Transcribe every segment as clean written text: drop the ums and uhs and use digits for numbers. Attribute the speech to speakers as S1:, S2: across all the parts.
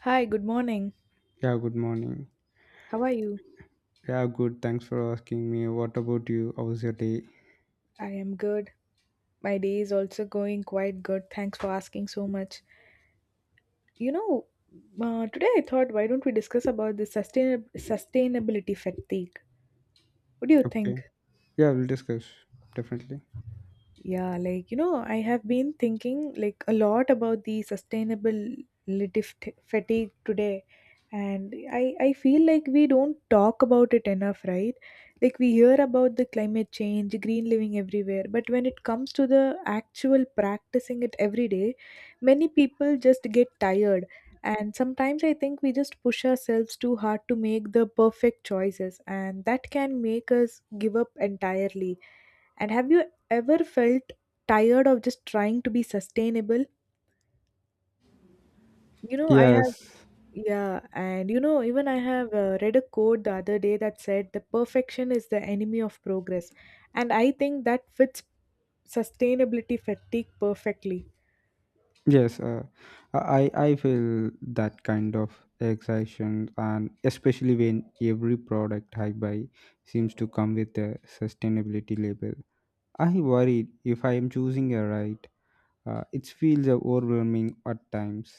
S1: Hi, good morning.
S2: Yeah, good morning.
S1: How are you?
S2: Yeah, good. Thanks for asking me. What about you? How was your day?
S1: I am good. My day is also going quite good. Thanks for asking so much. You know, Today I thought why don't we discuss about the sustainability fatigue? What do you think?
S2: Okay. Yeah, we'll discuss. Definitely.
S1: Yeah, like you know, I have been thinking like a lot about the sustainable fatigue today, and I feel like we don't talk about it enough, right? Like we hear about the climate change, green living everywhere, but when it comes to the actual practicing it every day, many people just get tired. And sometimes I think we just push ourselves too hard to make the perfect choices, and that can make us give up entirely and have you ever felt tired of just trying to be sustainable? You know, I have,
S2: Yes.
S1: yeah, and you know, even I have read a quote the other day that said the perfection is the enemy of progress. And I think that fits sustainability fatigue perfectly.
S2: Yes. I feel that kind of excitement, and especially when every product I buy seems to come with a sustainability label. I worried if I am choosing a right. It feels overwhelming at times.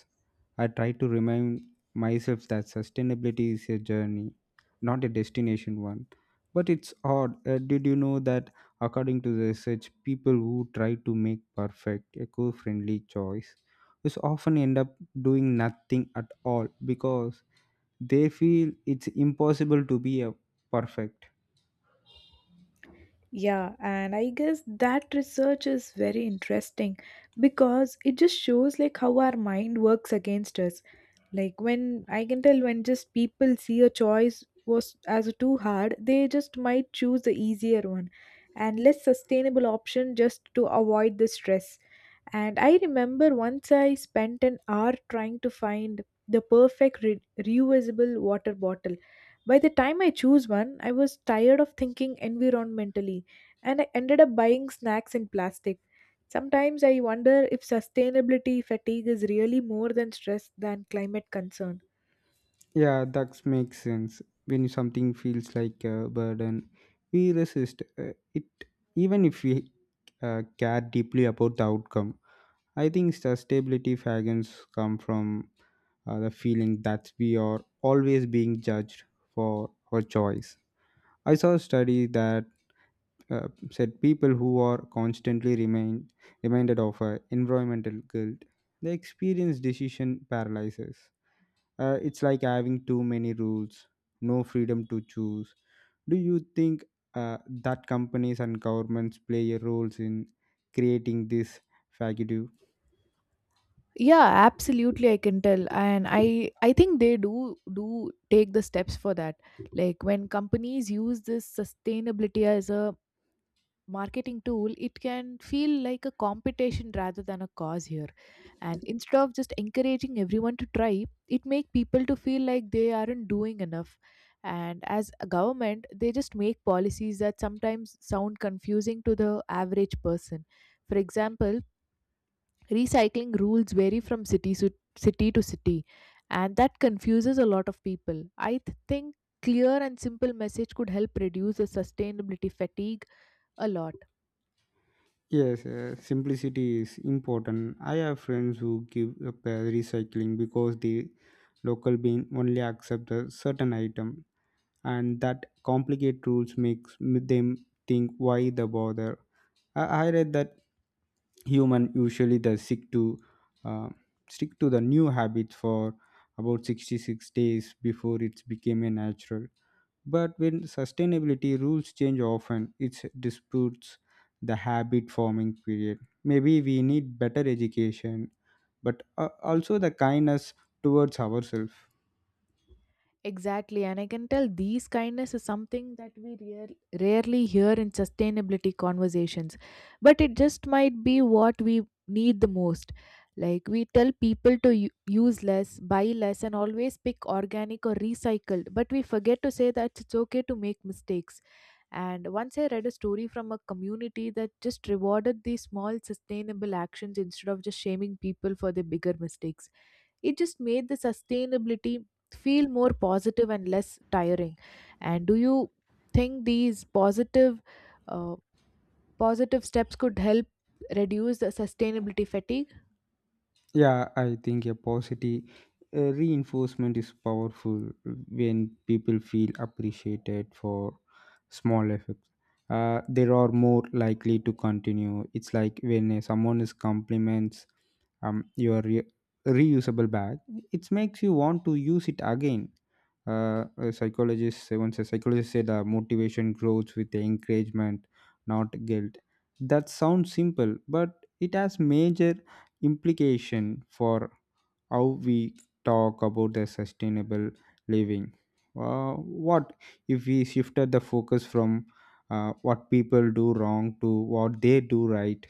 S2: I try to remind myself that sustainability is a journey, not a destination one. But it's odd. Did you know that, according to the research, people who try to make perfect, eco friendly choice is often end up doing nothing at all because they feel it's impossible to be a perfect.
S1: Yeah, and I guess that research is very interesting because it just shows like how our mind works against us. Like when I can tell when just people see a choice was as too hard, they just might choose the easier one and less sustainable option just to avoid the stress. And I remember once I spent an hour trying to find the perfect reusable water bottle. By the time I choose one, I was tired of thinking environmentally and I ended up buying snacks in plastic. Sometimes I wonder if sustainability fatigue is really more than stress than climate concern.
S2: Yeah, that makes sense. When something feels like a burden, we resist it, even if we care deeply about the outcome. I think sustainability fagans come from the feeling that we are always being judged for our choice. I saw a study that said people who are constantly remain reminded of environmental guilt, they experience decision paralysis. It's like having too many rules, no freedom to choose. Do you think that companies and governments play a role in creating this vacuum?
S1: Yeah, absolutely, I can tell. And I think they do take the steps for that. Like when companies use this sustainability as a marketing tool, it can feel like a competition rather than a cause here. And instead of just encouraging everyone to try, it make people to feel like they aren't doing enough. And as a government, they just make policies that sometimes sound confusing to the average person. For example, recycling rules vary from city to city, and that confuses a lot of people. I think clear and simple message could help reduce the sustainability fatigue a lot.
S2: Yes, simplicity is important. I have friends who give up recycling because the local bin only accept a certain item, and that complicated rules makes them think why the bother. I read that human usually the sick to uh, stick to the new habit for about 66 days before it became a natural, but when sustainability rules change often it disputes the habit forming period. Maybe we need better education, but also the kindness towards ourselves.
S1: Exactly, and I can tell these kindness is something that we rarely hear in sustainability conversations, but it just might be what we need the most. Like we tell people to use less, buy less, and always pick organic or recycled, but we forget to say that it's okay to make mistakes. And once I read a story from a community that just rewarded these small sustainable actions instead of just shaming people for their bigger mistakes. It just made the sustainability feel more positive and less tiring. And do you think these uh, positive steps could help reduce the sustainability fatigue?
S2: Yeah, I think a positive reinforcement is powerful when people feel appreciated for small efforts. They are more likely to continue. It's like when someone is compliments your reusable bag, it makes you want to use it again. A psychologist said motivation grows with the encouragement, not guilt. That sounds simple, but it has major implication for how we talk about the sustainable living. What if we shifted the focus from what people do wrong to what they do right?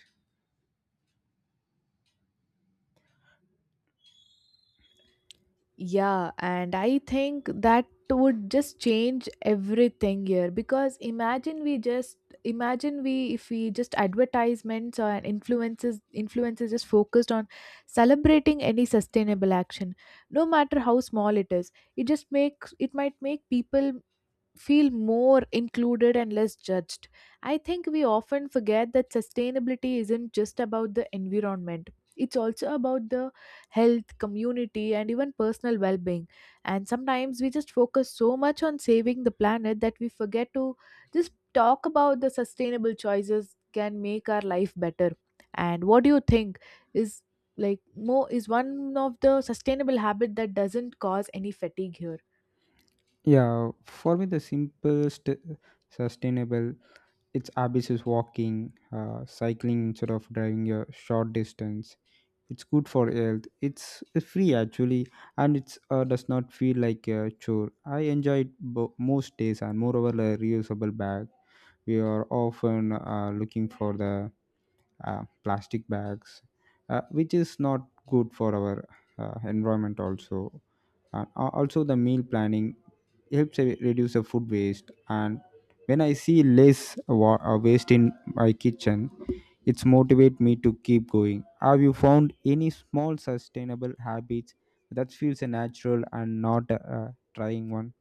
S1: Yeah, and I think that would just change everything here because imagine we if we just advertisements or influences just focused on celebrating any sustainable action no matter how small it is, it just makes it might make people feel more included and less judged. I think we often forget that sustainability isn't just about the environment. It's also about the health, community, and even personal well being. And sometimes we just focus so much on saving the planet that we forget to just talk about the sustainable choices can make our life better. And what do you think is like more is one of the sustainable habit that doesn't cause any fatigue here?
S2: Yeah, for me the simplest sustainable its habits is walking, cycling instead of driving a short distance. It's good for health. It's free actually, and it's does not feel like a chore. I enjoy it most days, and moreover, a reusable bag. We are often looking for the plastic bags, which is not good for our environment also. Also, the meal planning helps reduce the food waste. And when I see less waste in my kitchen, it's motivate me to keep going. Have you found any small sustainable habits that feels a natural and not a trying one?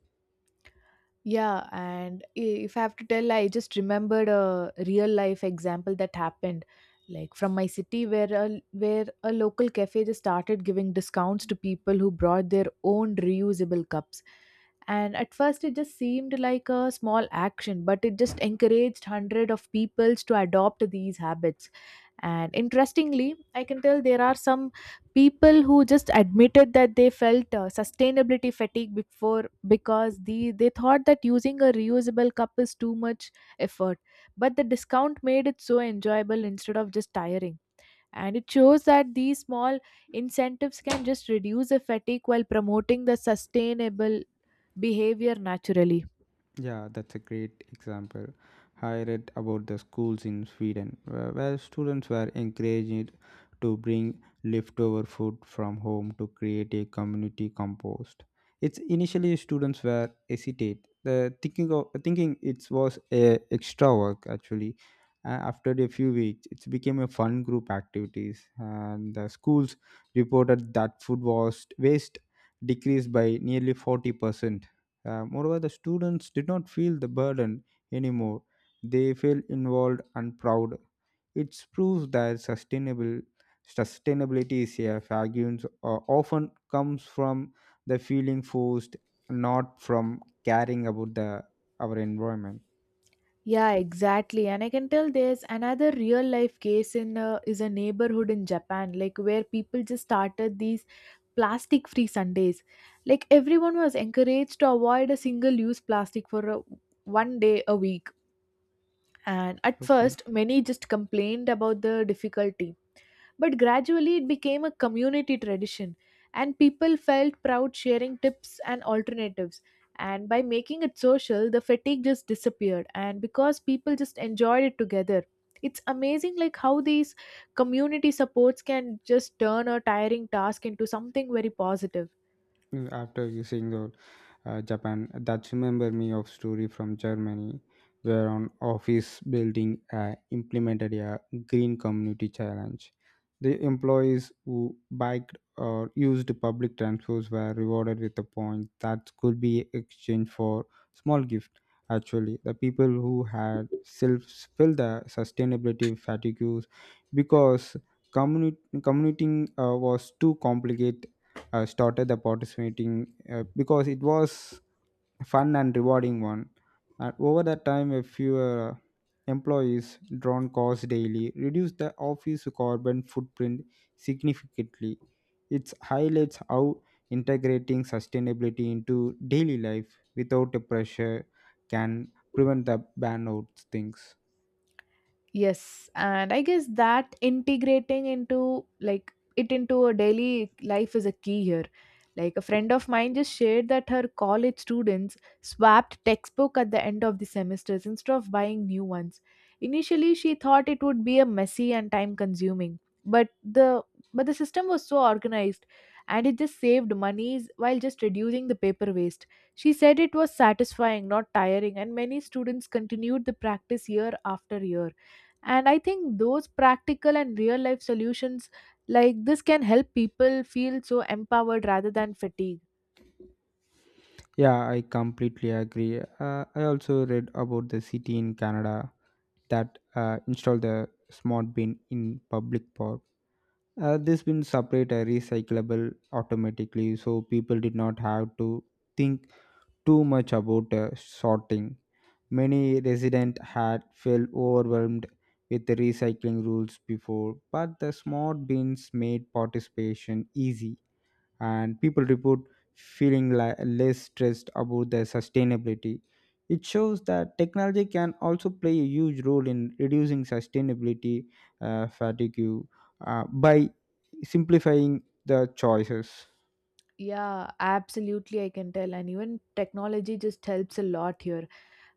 S1: Yeah, and if I have to tell, I just remembered a real life example that happened, like from my city, where a local cafe just started giving discounts to people who brought their own reusable cups. And at first, it just seemed like a small action, but it just encouraged hundred of peoples to adopt these habits. And interestingly, I can tell there are some people who just admitted that they felt sustainability fatigue before because they thought that using a reusable cup is too much effort, but the discount made it so enjoyable instead of just tiring. And it shows that these small incentives can just reduce the fatigue while promoting the sustainable behavior naturally.
S2: Yeah, that's a great example. I read about the schools in Sweden where students were encouraged to bring leftover food from home to create a community compost. It's initially students were hesitate, the thinking of thinking it was a extra work actually. After a few weeks, it became a fun group activities, and the schools reported that food was waste decreased by nearly 40%. Moreover, the students did not feel the burden anymore. They felt involved and proud. It proves that sustainable sustainability is a arguments often comes from the feeling forced, not from caring about the our environment.
S1: Yeah, exactly. And I can tell there's another real life case in is a neighborhood in Japan, like where people just started these plastic free Sundays. Like everyone was encouraged to avoid a single use plastic for one day a week. And at
S2: Okay.
S1: first, many just complained about the difficulty. But gradually it became a community tradition, and people felt proud sharing tips and alternatives. And by making it social, the fatigue just disappeared, and because people just enjoyed it together. It's amazing like how these community supports can just turn a tiring task into something very positive.
S2: Mm, after you saying the Japan that remember me of story from Germany where an office building implemented a green community challenge. The employees who biked or used public transports were rewarded with a point that could be exchanged for small gift. Actually, the people who had self felt the sustainability fatigues because commuting was too complicated, started the participating because it was fun and rewarding one. And over that time, a few employees drawn costs daily reduced the office carbon footprint significantly. It highlights how integrating sustainability into daily life without a pressure can prevent the burnout things.
S1: Yes, and I guess that integrating into like it into a daily life is a key here. Like a friend of mine just shared that her college students swapped textbook at the end of the semesters instead of buying new ones. Initially, she thought it would be a messy and time consuming, but the system was so organized and it just saved monies while just reducing the paper waste. She said it was satisfying, not tiring, and many students continued the practice year after year. And I think those practical and real life solutions like this can help people feel so empowered rather than fatigued.
S2: Yeah, I completely agree. I also read about the city in Canada that install the smart bin in public park. This bin separate are recyclable automatically, so people did not have to think too much about sorting. Many residents had felt overwhelmed with the recycling rules before, but the smart bins made participation easy and people report feeling less stressed about their sustainability. It shows that technology can also play a huge role in reducing sustainability fatigue by simplifying the choices.
S1: Yeah, absolutely, I can tell. And even technology just helps a lot here,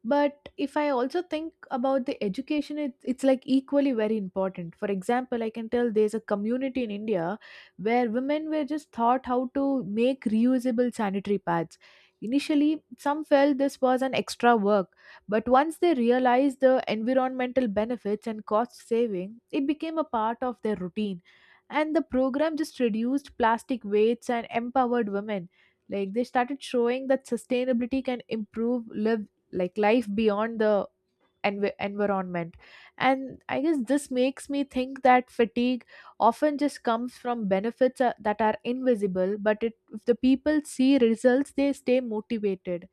S1: but if I also think about the education, it's like equally very important. For example, I can tell there's a community in India where women were just taught how to make reusable sanitary pads. Initially some felt this was an extra work, but once they realized the environmental benefits and cost saving it became a part of their routine. And the program just reduced plastic weights and empowered women. Like they started showing that sustainability can improve lives, like life beyond the environment. And I guess this makes me think that fatigue often just comes from benefits that are invisible, but if the people see results they stay motivated.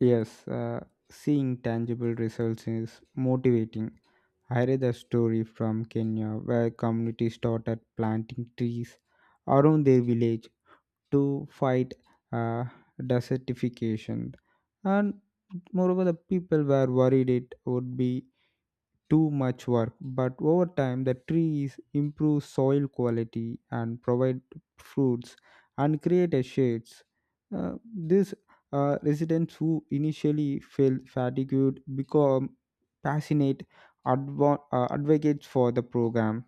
S2: Yes, seeing tangible results is motivating. I read a story from Kenya where communities started planting trees around their village to fight uh, desertification, and moreover the people were worried it would be too much work, but over time the trees improve soil quality and provide fruits and create a shades. Uh, this Residents who initially felt fatigued become passionate advocates for the program,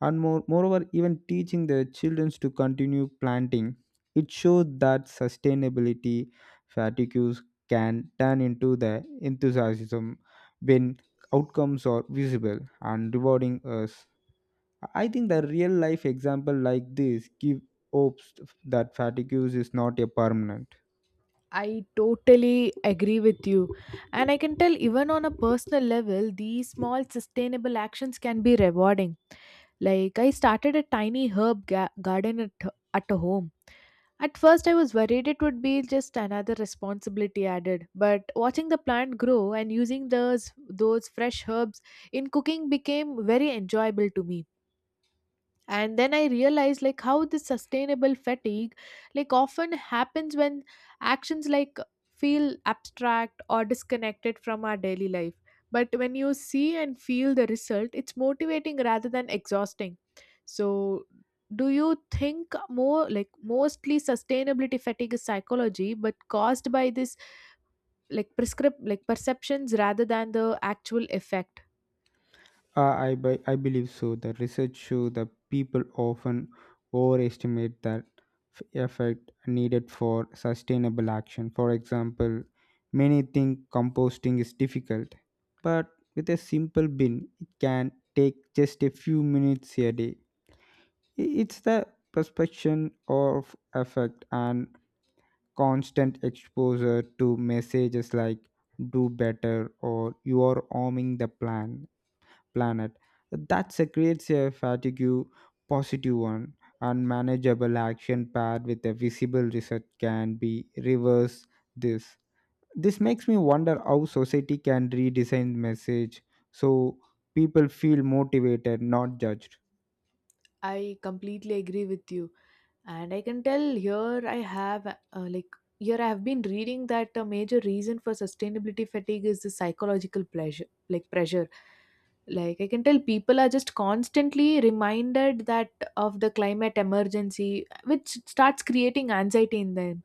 S2: and moreover even teaching the children to continue planting. It shows that sustainability fatigues can turn into the enthusiasm when outcomes are visible and rewarding us. I think the real life example like this give hopes that fatigues is not a permanent.
S1: I totally agree with you. And I can tell, even on a personal level, these small sustainable actions can be rewarding. Like, I started a tiny herb garden at a home. At first, I was worried it would be just another responsibility added, but watching the plant grow and using those fresh herbs in cooking became very enjoyable to me. And then I realized like how this sustainable fatigue like often happens when actions like feel abstract or disconnected from our daily life, but when you see and feel the result it's motivating rather than exhausting. So do you think more like mostly sustainability fatigue is psychology but caused by this like prescript like perceptions rather than the actual effect?
S2: I believe so. The research show that people often overestimate that effect needed for sustainable action. For example, many think composting is difficult, but with a simple bin, it can take just a few minutes a day. It's the perception of effect and constant exposure to messages like do better or you are harming the plant planet. That creates a fatigue positive one. Unmanageable action paired with a visible result can be reverse this. This makes me wonder how society can redesign message so people feel motivated, not judged.
S1: I completely agree with you. And I can tell like here I have been reading that a major reason for sustainability fatigue is the psychological pleasure, like pressure. Like I can tell people are just constantly reminded that of the climate emergency, which starts creating anxiety in them.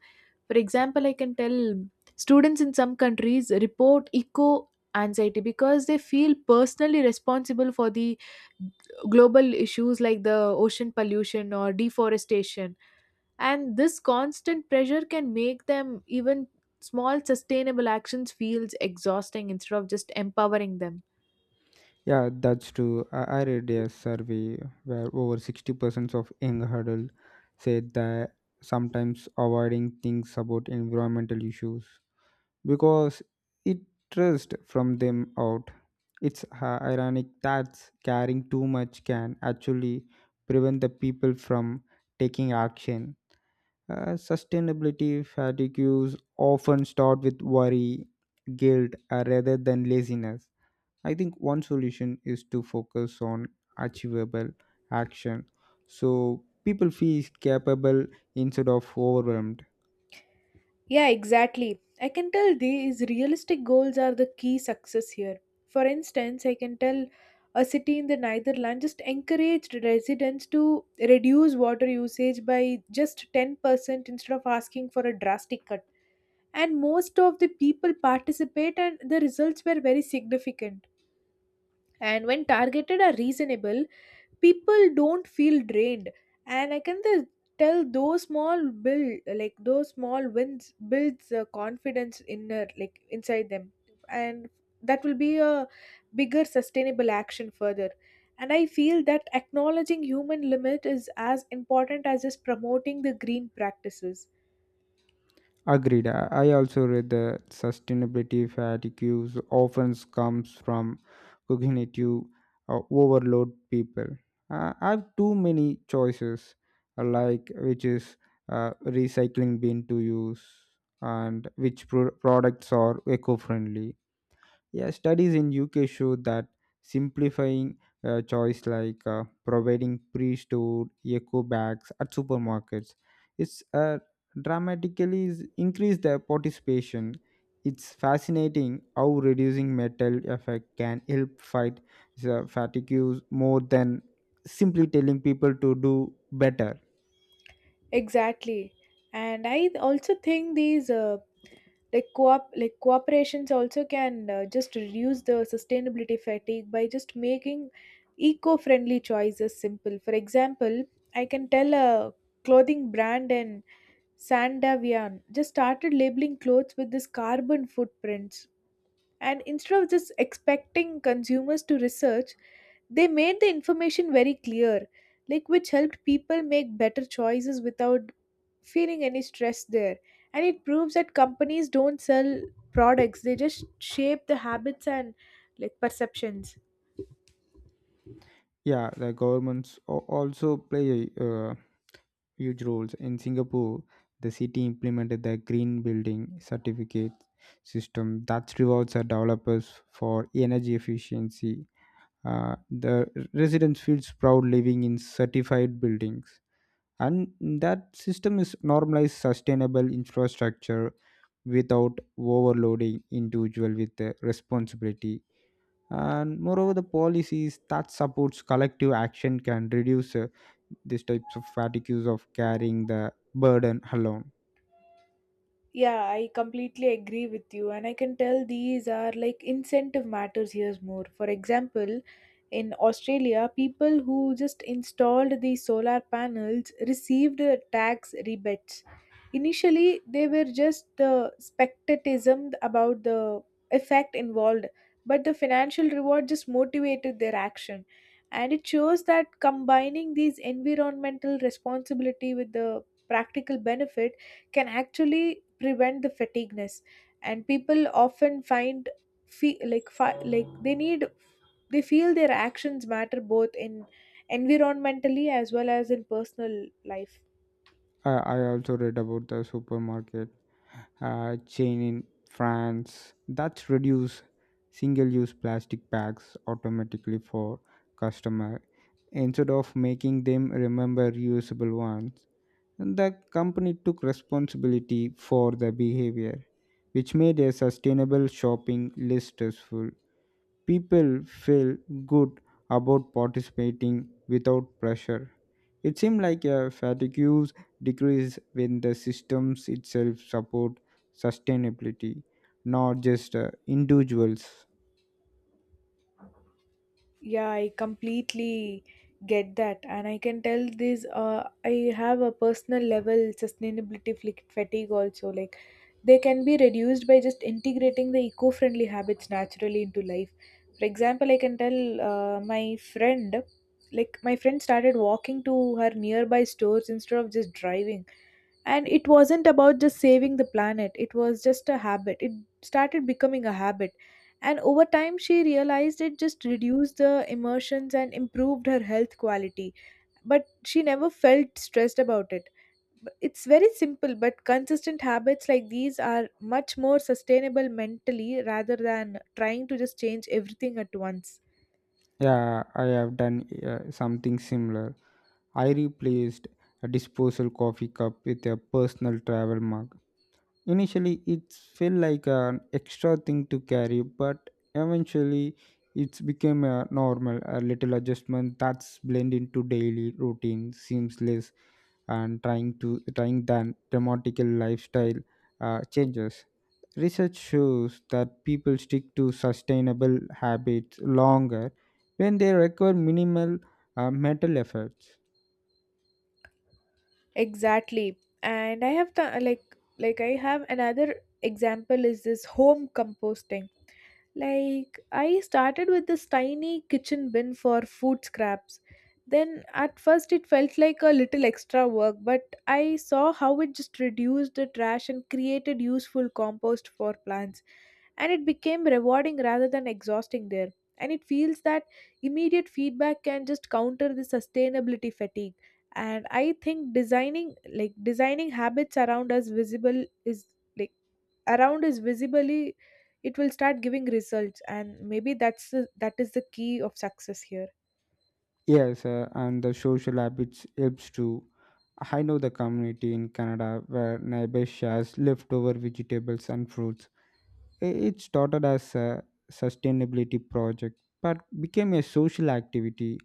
S1: For example, I can tell students in some countries report eco anxiety because they feel personally responsible for the global issues like the ocean pollution or deforestation, and this constant pressure can make them even small sustainable actions feels exhausting instead of just empowering them.
S2: Yeah, that's true. I read a survey where over 60% of young adults said that sometimes avoiding things about environmental issues because it trust from them out. It's ironic that caring too much can actually prevent the people from taking action. Sustainability fatigues often start with worry, guilt, rather than laziness. I think one solution is to focus on achievable action so people feel capable instead of overwhelmed.
S1: Yeah, exactly. I can tell these realistic goals are the key success here. For instance, I can tell a city in the Netherlands just encouraged residents to reduce water usage by just 10% instead of asking for a drastic cut. And most of the people participate, and the results were very significant. And when targeted are reasonable, people don't feel drained. And I can tell those small build like those small wins builds a confidence inner like inside them, and that will be a bigger sustainable action further. And I feel that acknowledging human limit is as important as just promoting the green practices.
S2: Agreed. I also read that sustainability fatigue often comes from cognitive overload people. I have too many choices, like which is recycling bin to use and which products are eco-friendly. Yeah, studies in UK show that simplifying a choice like providing pre-stored eco bags at supermarkets it's dramatically increase the participation. It's fascinating how reducing metal effect can help fight the fatigue use more than simply telling people to do better.
S1: Exactly. And I also think these like co-op like cooperations also can just reduce the sustainability fatigue by just making eco-friendly choices simple. For example, I can tell a clothing brand in Sandavian just started labeling clothes with this carbon footprints. And instead of just expecting consumers to research, they made the information very clear, like which helped people make better choices without feeling any stress there. And it proves that companies don't sell products, they just shape the habits and like perceptions.
S2: Yeah, the governments also play a huge roles. In Singapore, the city implemented the green building certificate system that rewards our developers for energy efficiency. The residents feels proud living in certified buildings, and that system is normalized sustainable infrastructure without overloading individual with the responsibility. And moreover, the policies that supports collective action can reduce these types of fatigues of carrying the burden alone.
S1: Yeah, I completely agree with you, and I can tell these are like incentive matters here more. For example, in Australia, people who just installed the solar panels received tax rebates. Initially, they were just the spectatism about the effect involved, but the financial reward just motivated their action. And it shows that combining these environmental responsibility with the practical benefit can actually prevent the fatigueness and people often find feel like they feel their actions matter both in environmentally as well as in personal life.
S2: I also read about the supermarket chain in France that's reduce single-use plastic bags automatically for customer instead of making them remember reusable ones. And the company took responsibility for the behavior, which made a sustainable shopping less stressful. People feel good about participating without pressure. It seems like a fatigue decrease when the systems itself support sustainability, not just individuals.
S1: Yeah, I completely get that, and I can tell this. I have a personal level sustainability fatigue also. Like, they can be reduced by just integrating the eco-friendly habits naturally into life. For example, I can tell my friend, my friend started walking to her nearby stores instead of just driving, and it wasn't about just saving the planet, it was just a habit, it started becoming a habit, and over time she realized it just reduced the emotions and improved her health quality, but she never felt stressed about it. It's very simple but consistent habits like these are much more sustainable mentally rather than trying to just change everything at once.
S2: Yeah, I have done something similar. I replaced a disposal coffee cup with a personal travel mug. Initially, it felt like an extra thing to carry, but eventually, it's became a normal. A little adjustment that's blend into daily routine, seamless, and trying than dramatical lifestyle changes. Research shows that people stick to sustainable habits longer when they require minimal mental efforts.
S1: Exactly. And I have the like I have another example is this home composting. Like I started with this tiny kitchen bin for food scraps. Then at first it felt like a little extra work, but I saw how it just reduced the trash and created useful compost for plants. And it became rewarding rather than exhausting there. And it feels that immediate feedback can just counter the sustainability fatigue, and I think designing habits around us visible is like around us visibly, it will start giving results, and maybe that is the key of success here.
S2: Yes, and the social habits helps too. I know the community in Canada where neighbors shares leftover vegetables and fruits. It started as a sustainability project, but became a social activity.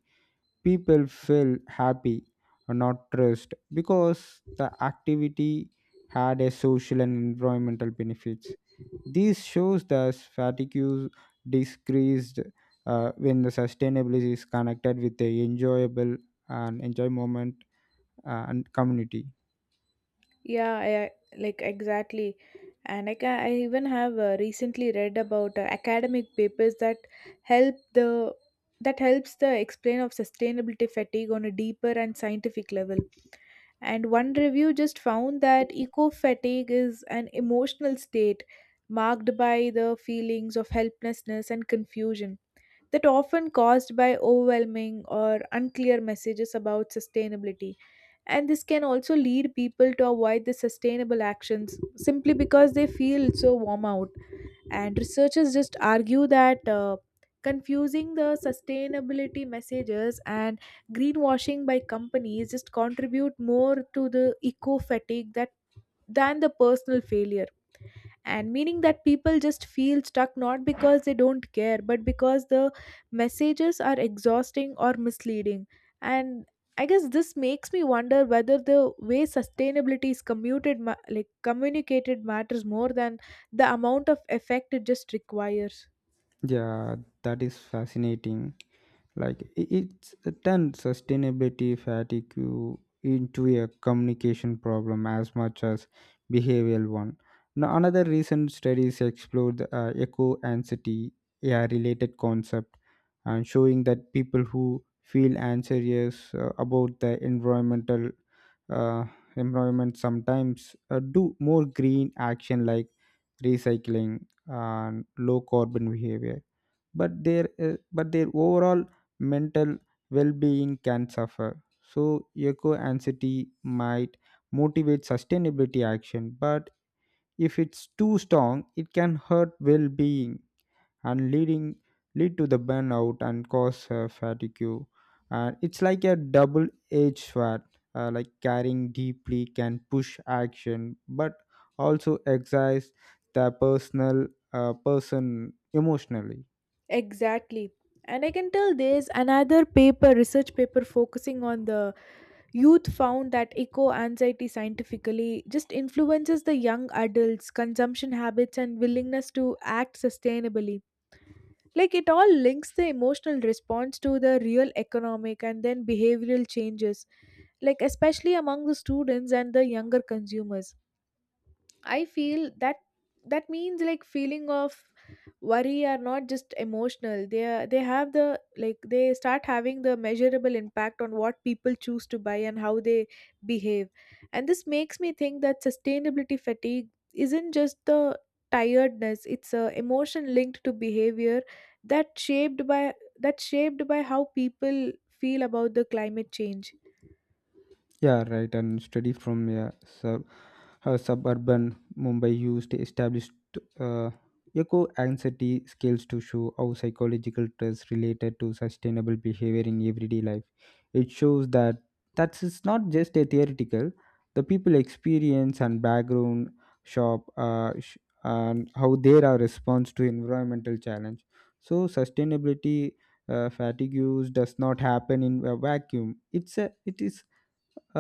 S2: People feel happy, or not stressed, because the activity had a social and environmental benefits. This shows that fatigue decreased when the sustainability is connected with the enjoyable and enjoy moment and community.
S1: Yeah, I, like exactly, and I even have recently read about academic papers that help the that helps the explain of sustainability fatigue on a deeper and scientific level. And one review just found that eco fatigue is an emotional state marked by the feelings of helplessness and confusion that often caused by overwhelming or unclear messages about sustainability. And this can also lead people to avoid the sustainable actions simply because they feel so warm out, and researchers just argue that confusing the sustainability messages and greenwashing by companies just contribute more to the eco fatigue that than the personal failure, and meaning that people just feel stuck not because they don't care but because the messages are exhausting or misleading. And I guess this makes me wonder whether the way sustainability is commuted like communicated matters more than the amount of effect it just requires.
S2: Yeah, that is fascinating. It's turned sustainability fatigue into a communication problem as much as behavioral one. Now another recent studies explored the eco anxiety, a related concept, and showing that people who feel anxious about the uh, environment sometimes do more green action like recycling and low carbon behavior, but their overall mental well-being can suffer. So eco anxiety might motivate sustainability action, but if it's too strong it can hurt well-being and lead to the burnout and cause fatigue. And it's like a double-edged sword. Like caring deeply can push action, but also exercise the personal person emotionally.
S1: Exactly, and I can tell there's another paper research paper focusing on the youth, found that eco anxiety scientifically just influences the young adults' consumption habits and willingness to act sustainably. Like it all links the emotional response to the real economic and then behavioral changes, like especially among the students and the younger consumers. I feel that that means like feeling of worry are not just emotional, they have the like they start having the measurable impact on what people choose to buy and how they behave. And this makes me think that sustainability fatigue isn't just the tiredness, it's a emotion linked to behavior that shaped by that shaped by how people feel about the climate change.
S2: Yeah, right. And study from suburban Mumbai used established uh, eco anxiety scales to show how psychological stress related to sustainable behavior in everyday life. It shows that that is not just a theoretical. The people experience and background shop uh, sh- and how they are response to environmental challenge. So sustainability fatigue use does not happen in a vacuum. It's a it is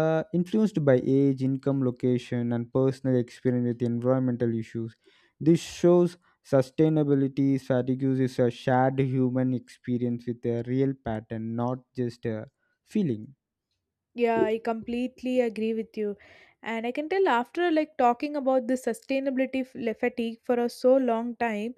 S2: uh, influenced by age, income, location, and personal experience with environmental issues. This shows sustainability fatigue is a shared human experience with a real pattern, not just a feeling.
S1: Yeah, I completely agree with you. And I can tell after like talking about this sustainability fatigue for a so long time,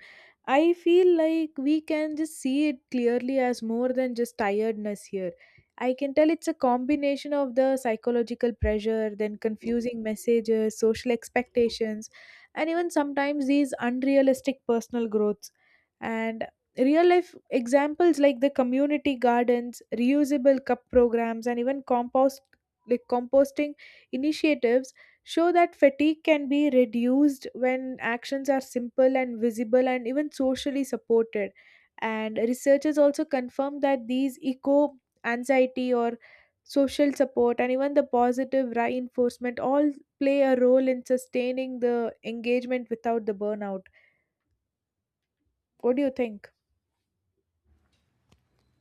S1: I feel like we can just see it clearly as more than just tiredness here. I can tell it's a combination of the psychological pressure, then confusing messages, social expectations, and even sometimes these unrealistic personal growths. And real life examples like the community gardens, reusable cup programs, and even composting initiatives show that fatigue can be reduced when actions are simple and visible and even socially supported. And researchers also confirm that these eco anxiety or social support and even the positive reinforcement all play a role in sustaining the engagement without the burnout. What do you think?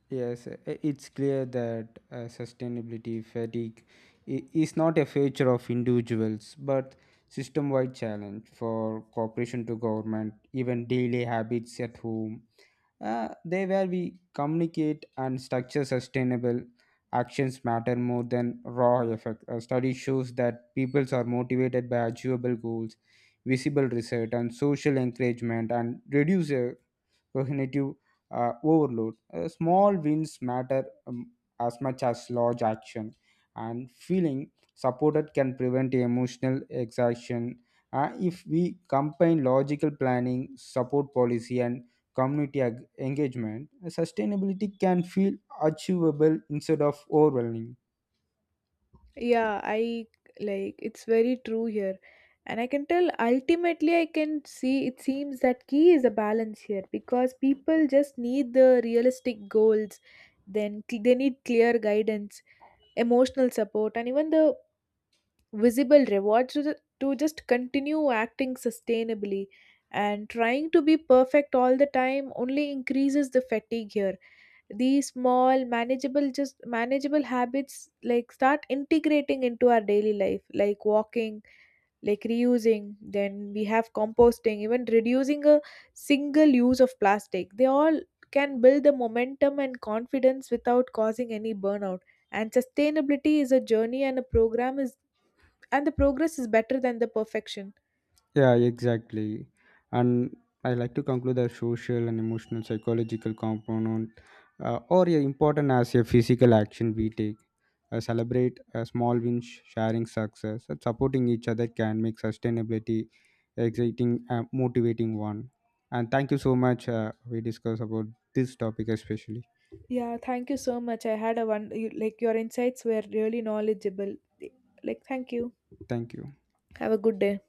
S2: Yes, it's clear that sustainability fatigue is not a feature of individuals but system wide challenge for cooperation to government, even daily habits at home. They where we communicate and structure sustainable actions matter more than raw effect. A study shows that peoples are motivated by achievable goals, visible result, and social encouragement, and reduce cognitive overload. Small wins matter as much as large action, and feeling supported can prevent emotional exhaustion. If we combine logical planning, support policy, and community engagement, sustainability can feel achievable instead of overwhelming.
S1: Yeah, I, like it's very true here, and I can tell ultimately I can see it seems that key is a balance here, because people just need the realistic goals, then they need clear guidance, emotional support, and even the visible rewards to just continue acting sustainably. And trying to be perfect all the time only increases the fatigue here. These small manageable, just manageable habits like start integrating into our daily life, like walking, like reusing, then we have composting, even reducing a single use of plastic, they all can build the momentum and confidence without causing any burnout. And sustainability is a journey and a program is and the progress is better than the perfection.
S2: Yeah, exactly. And I like to conclude the social and emotional psychological component important as a physical action we take. Celebrate a small wins, sharing success, and supporting each other can make sustainability exciting, motivating one. And thank you so much. We discuss about this topic especially.
S1: Yeah, thank you so much. I had a like your insights were really knowledgeable. Like, thank you.
S2: Thank you.
S1: Have a good day.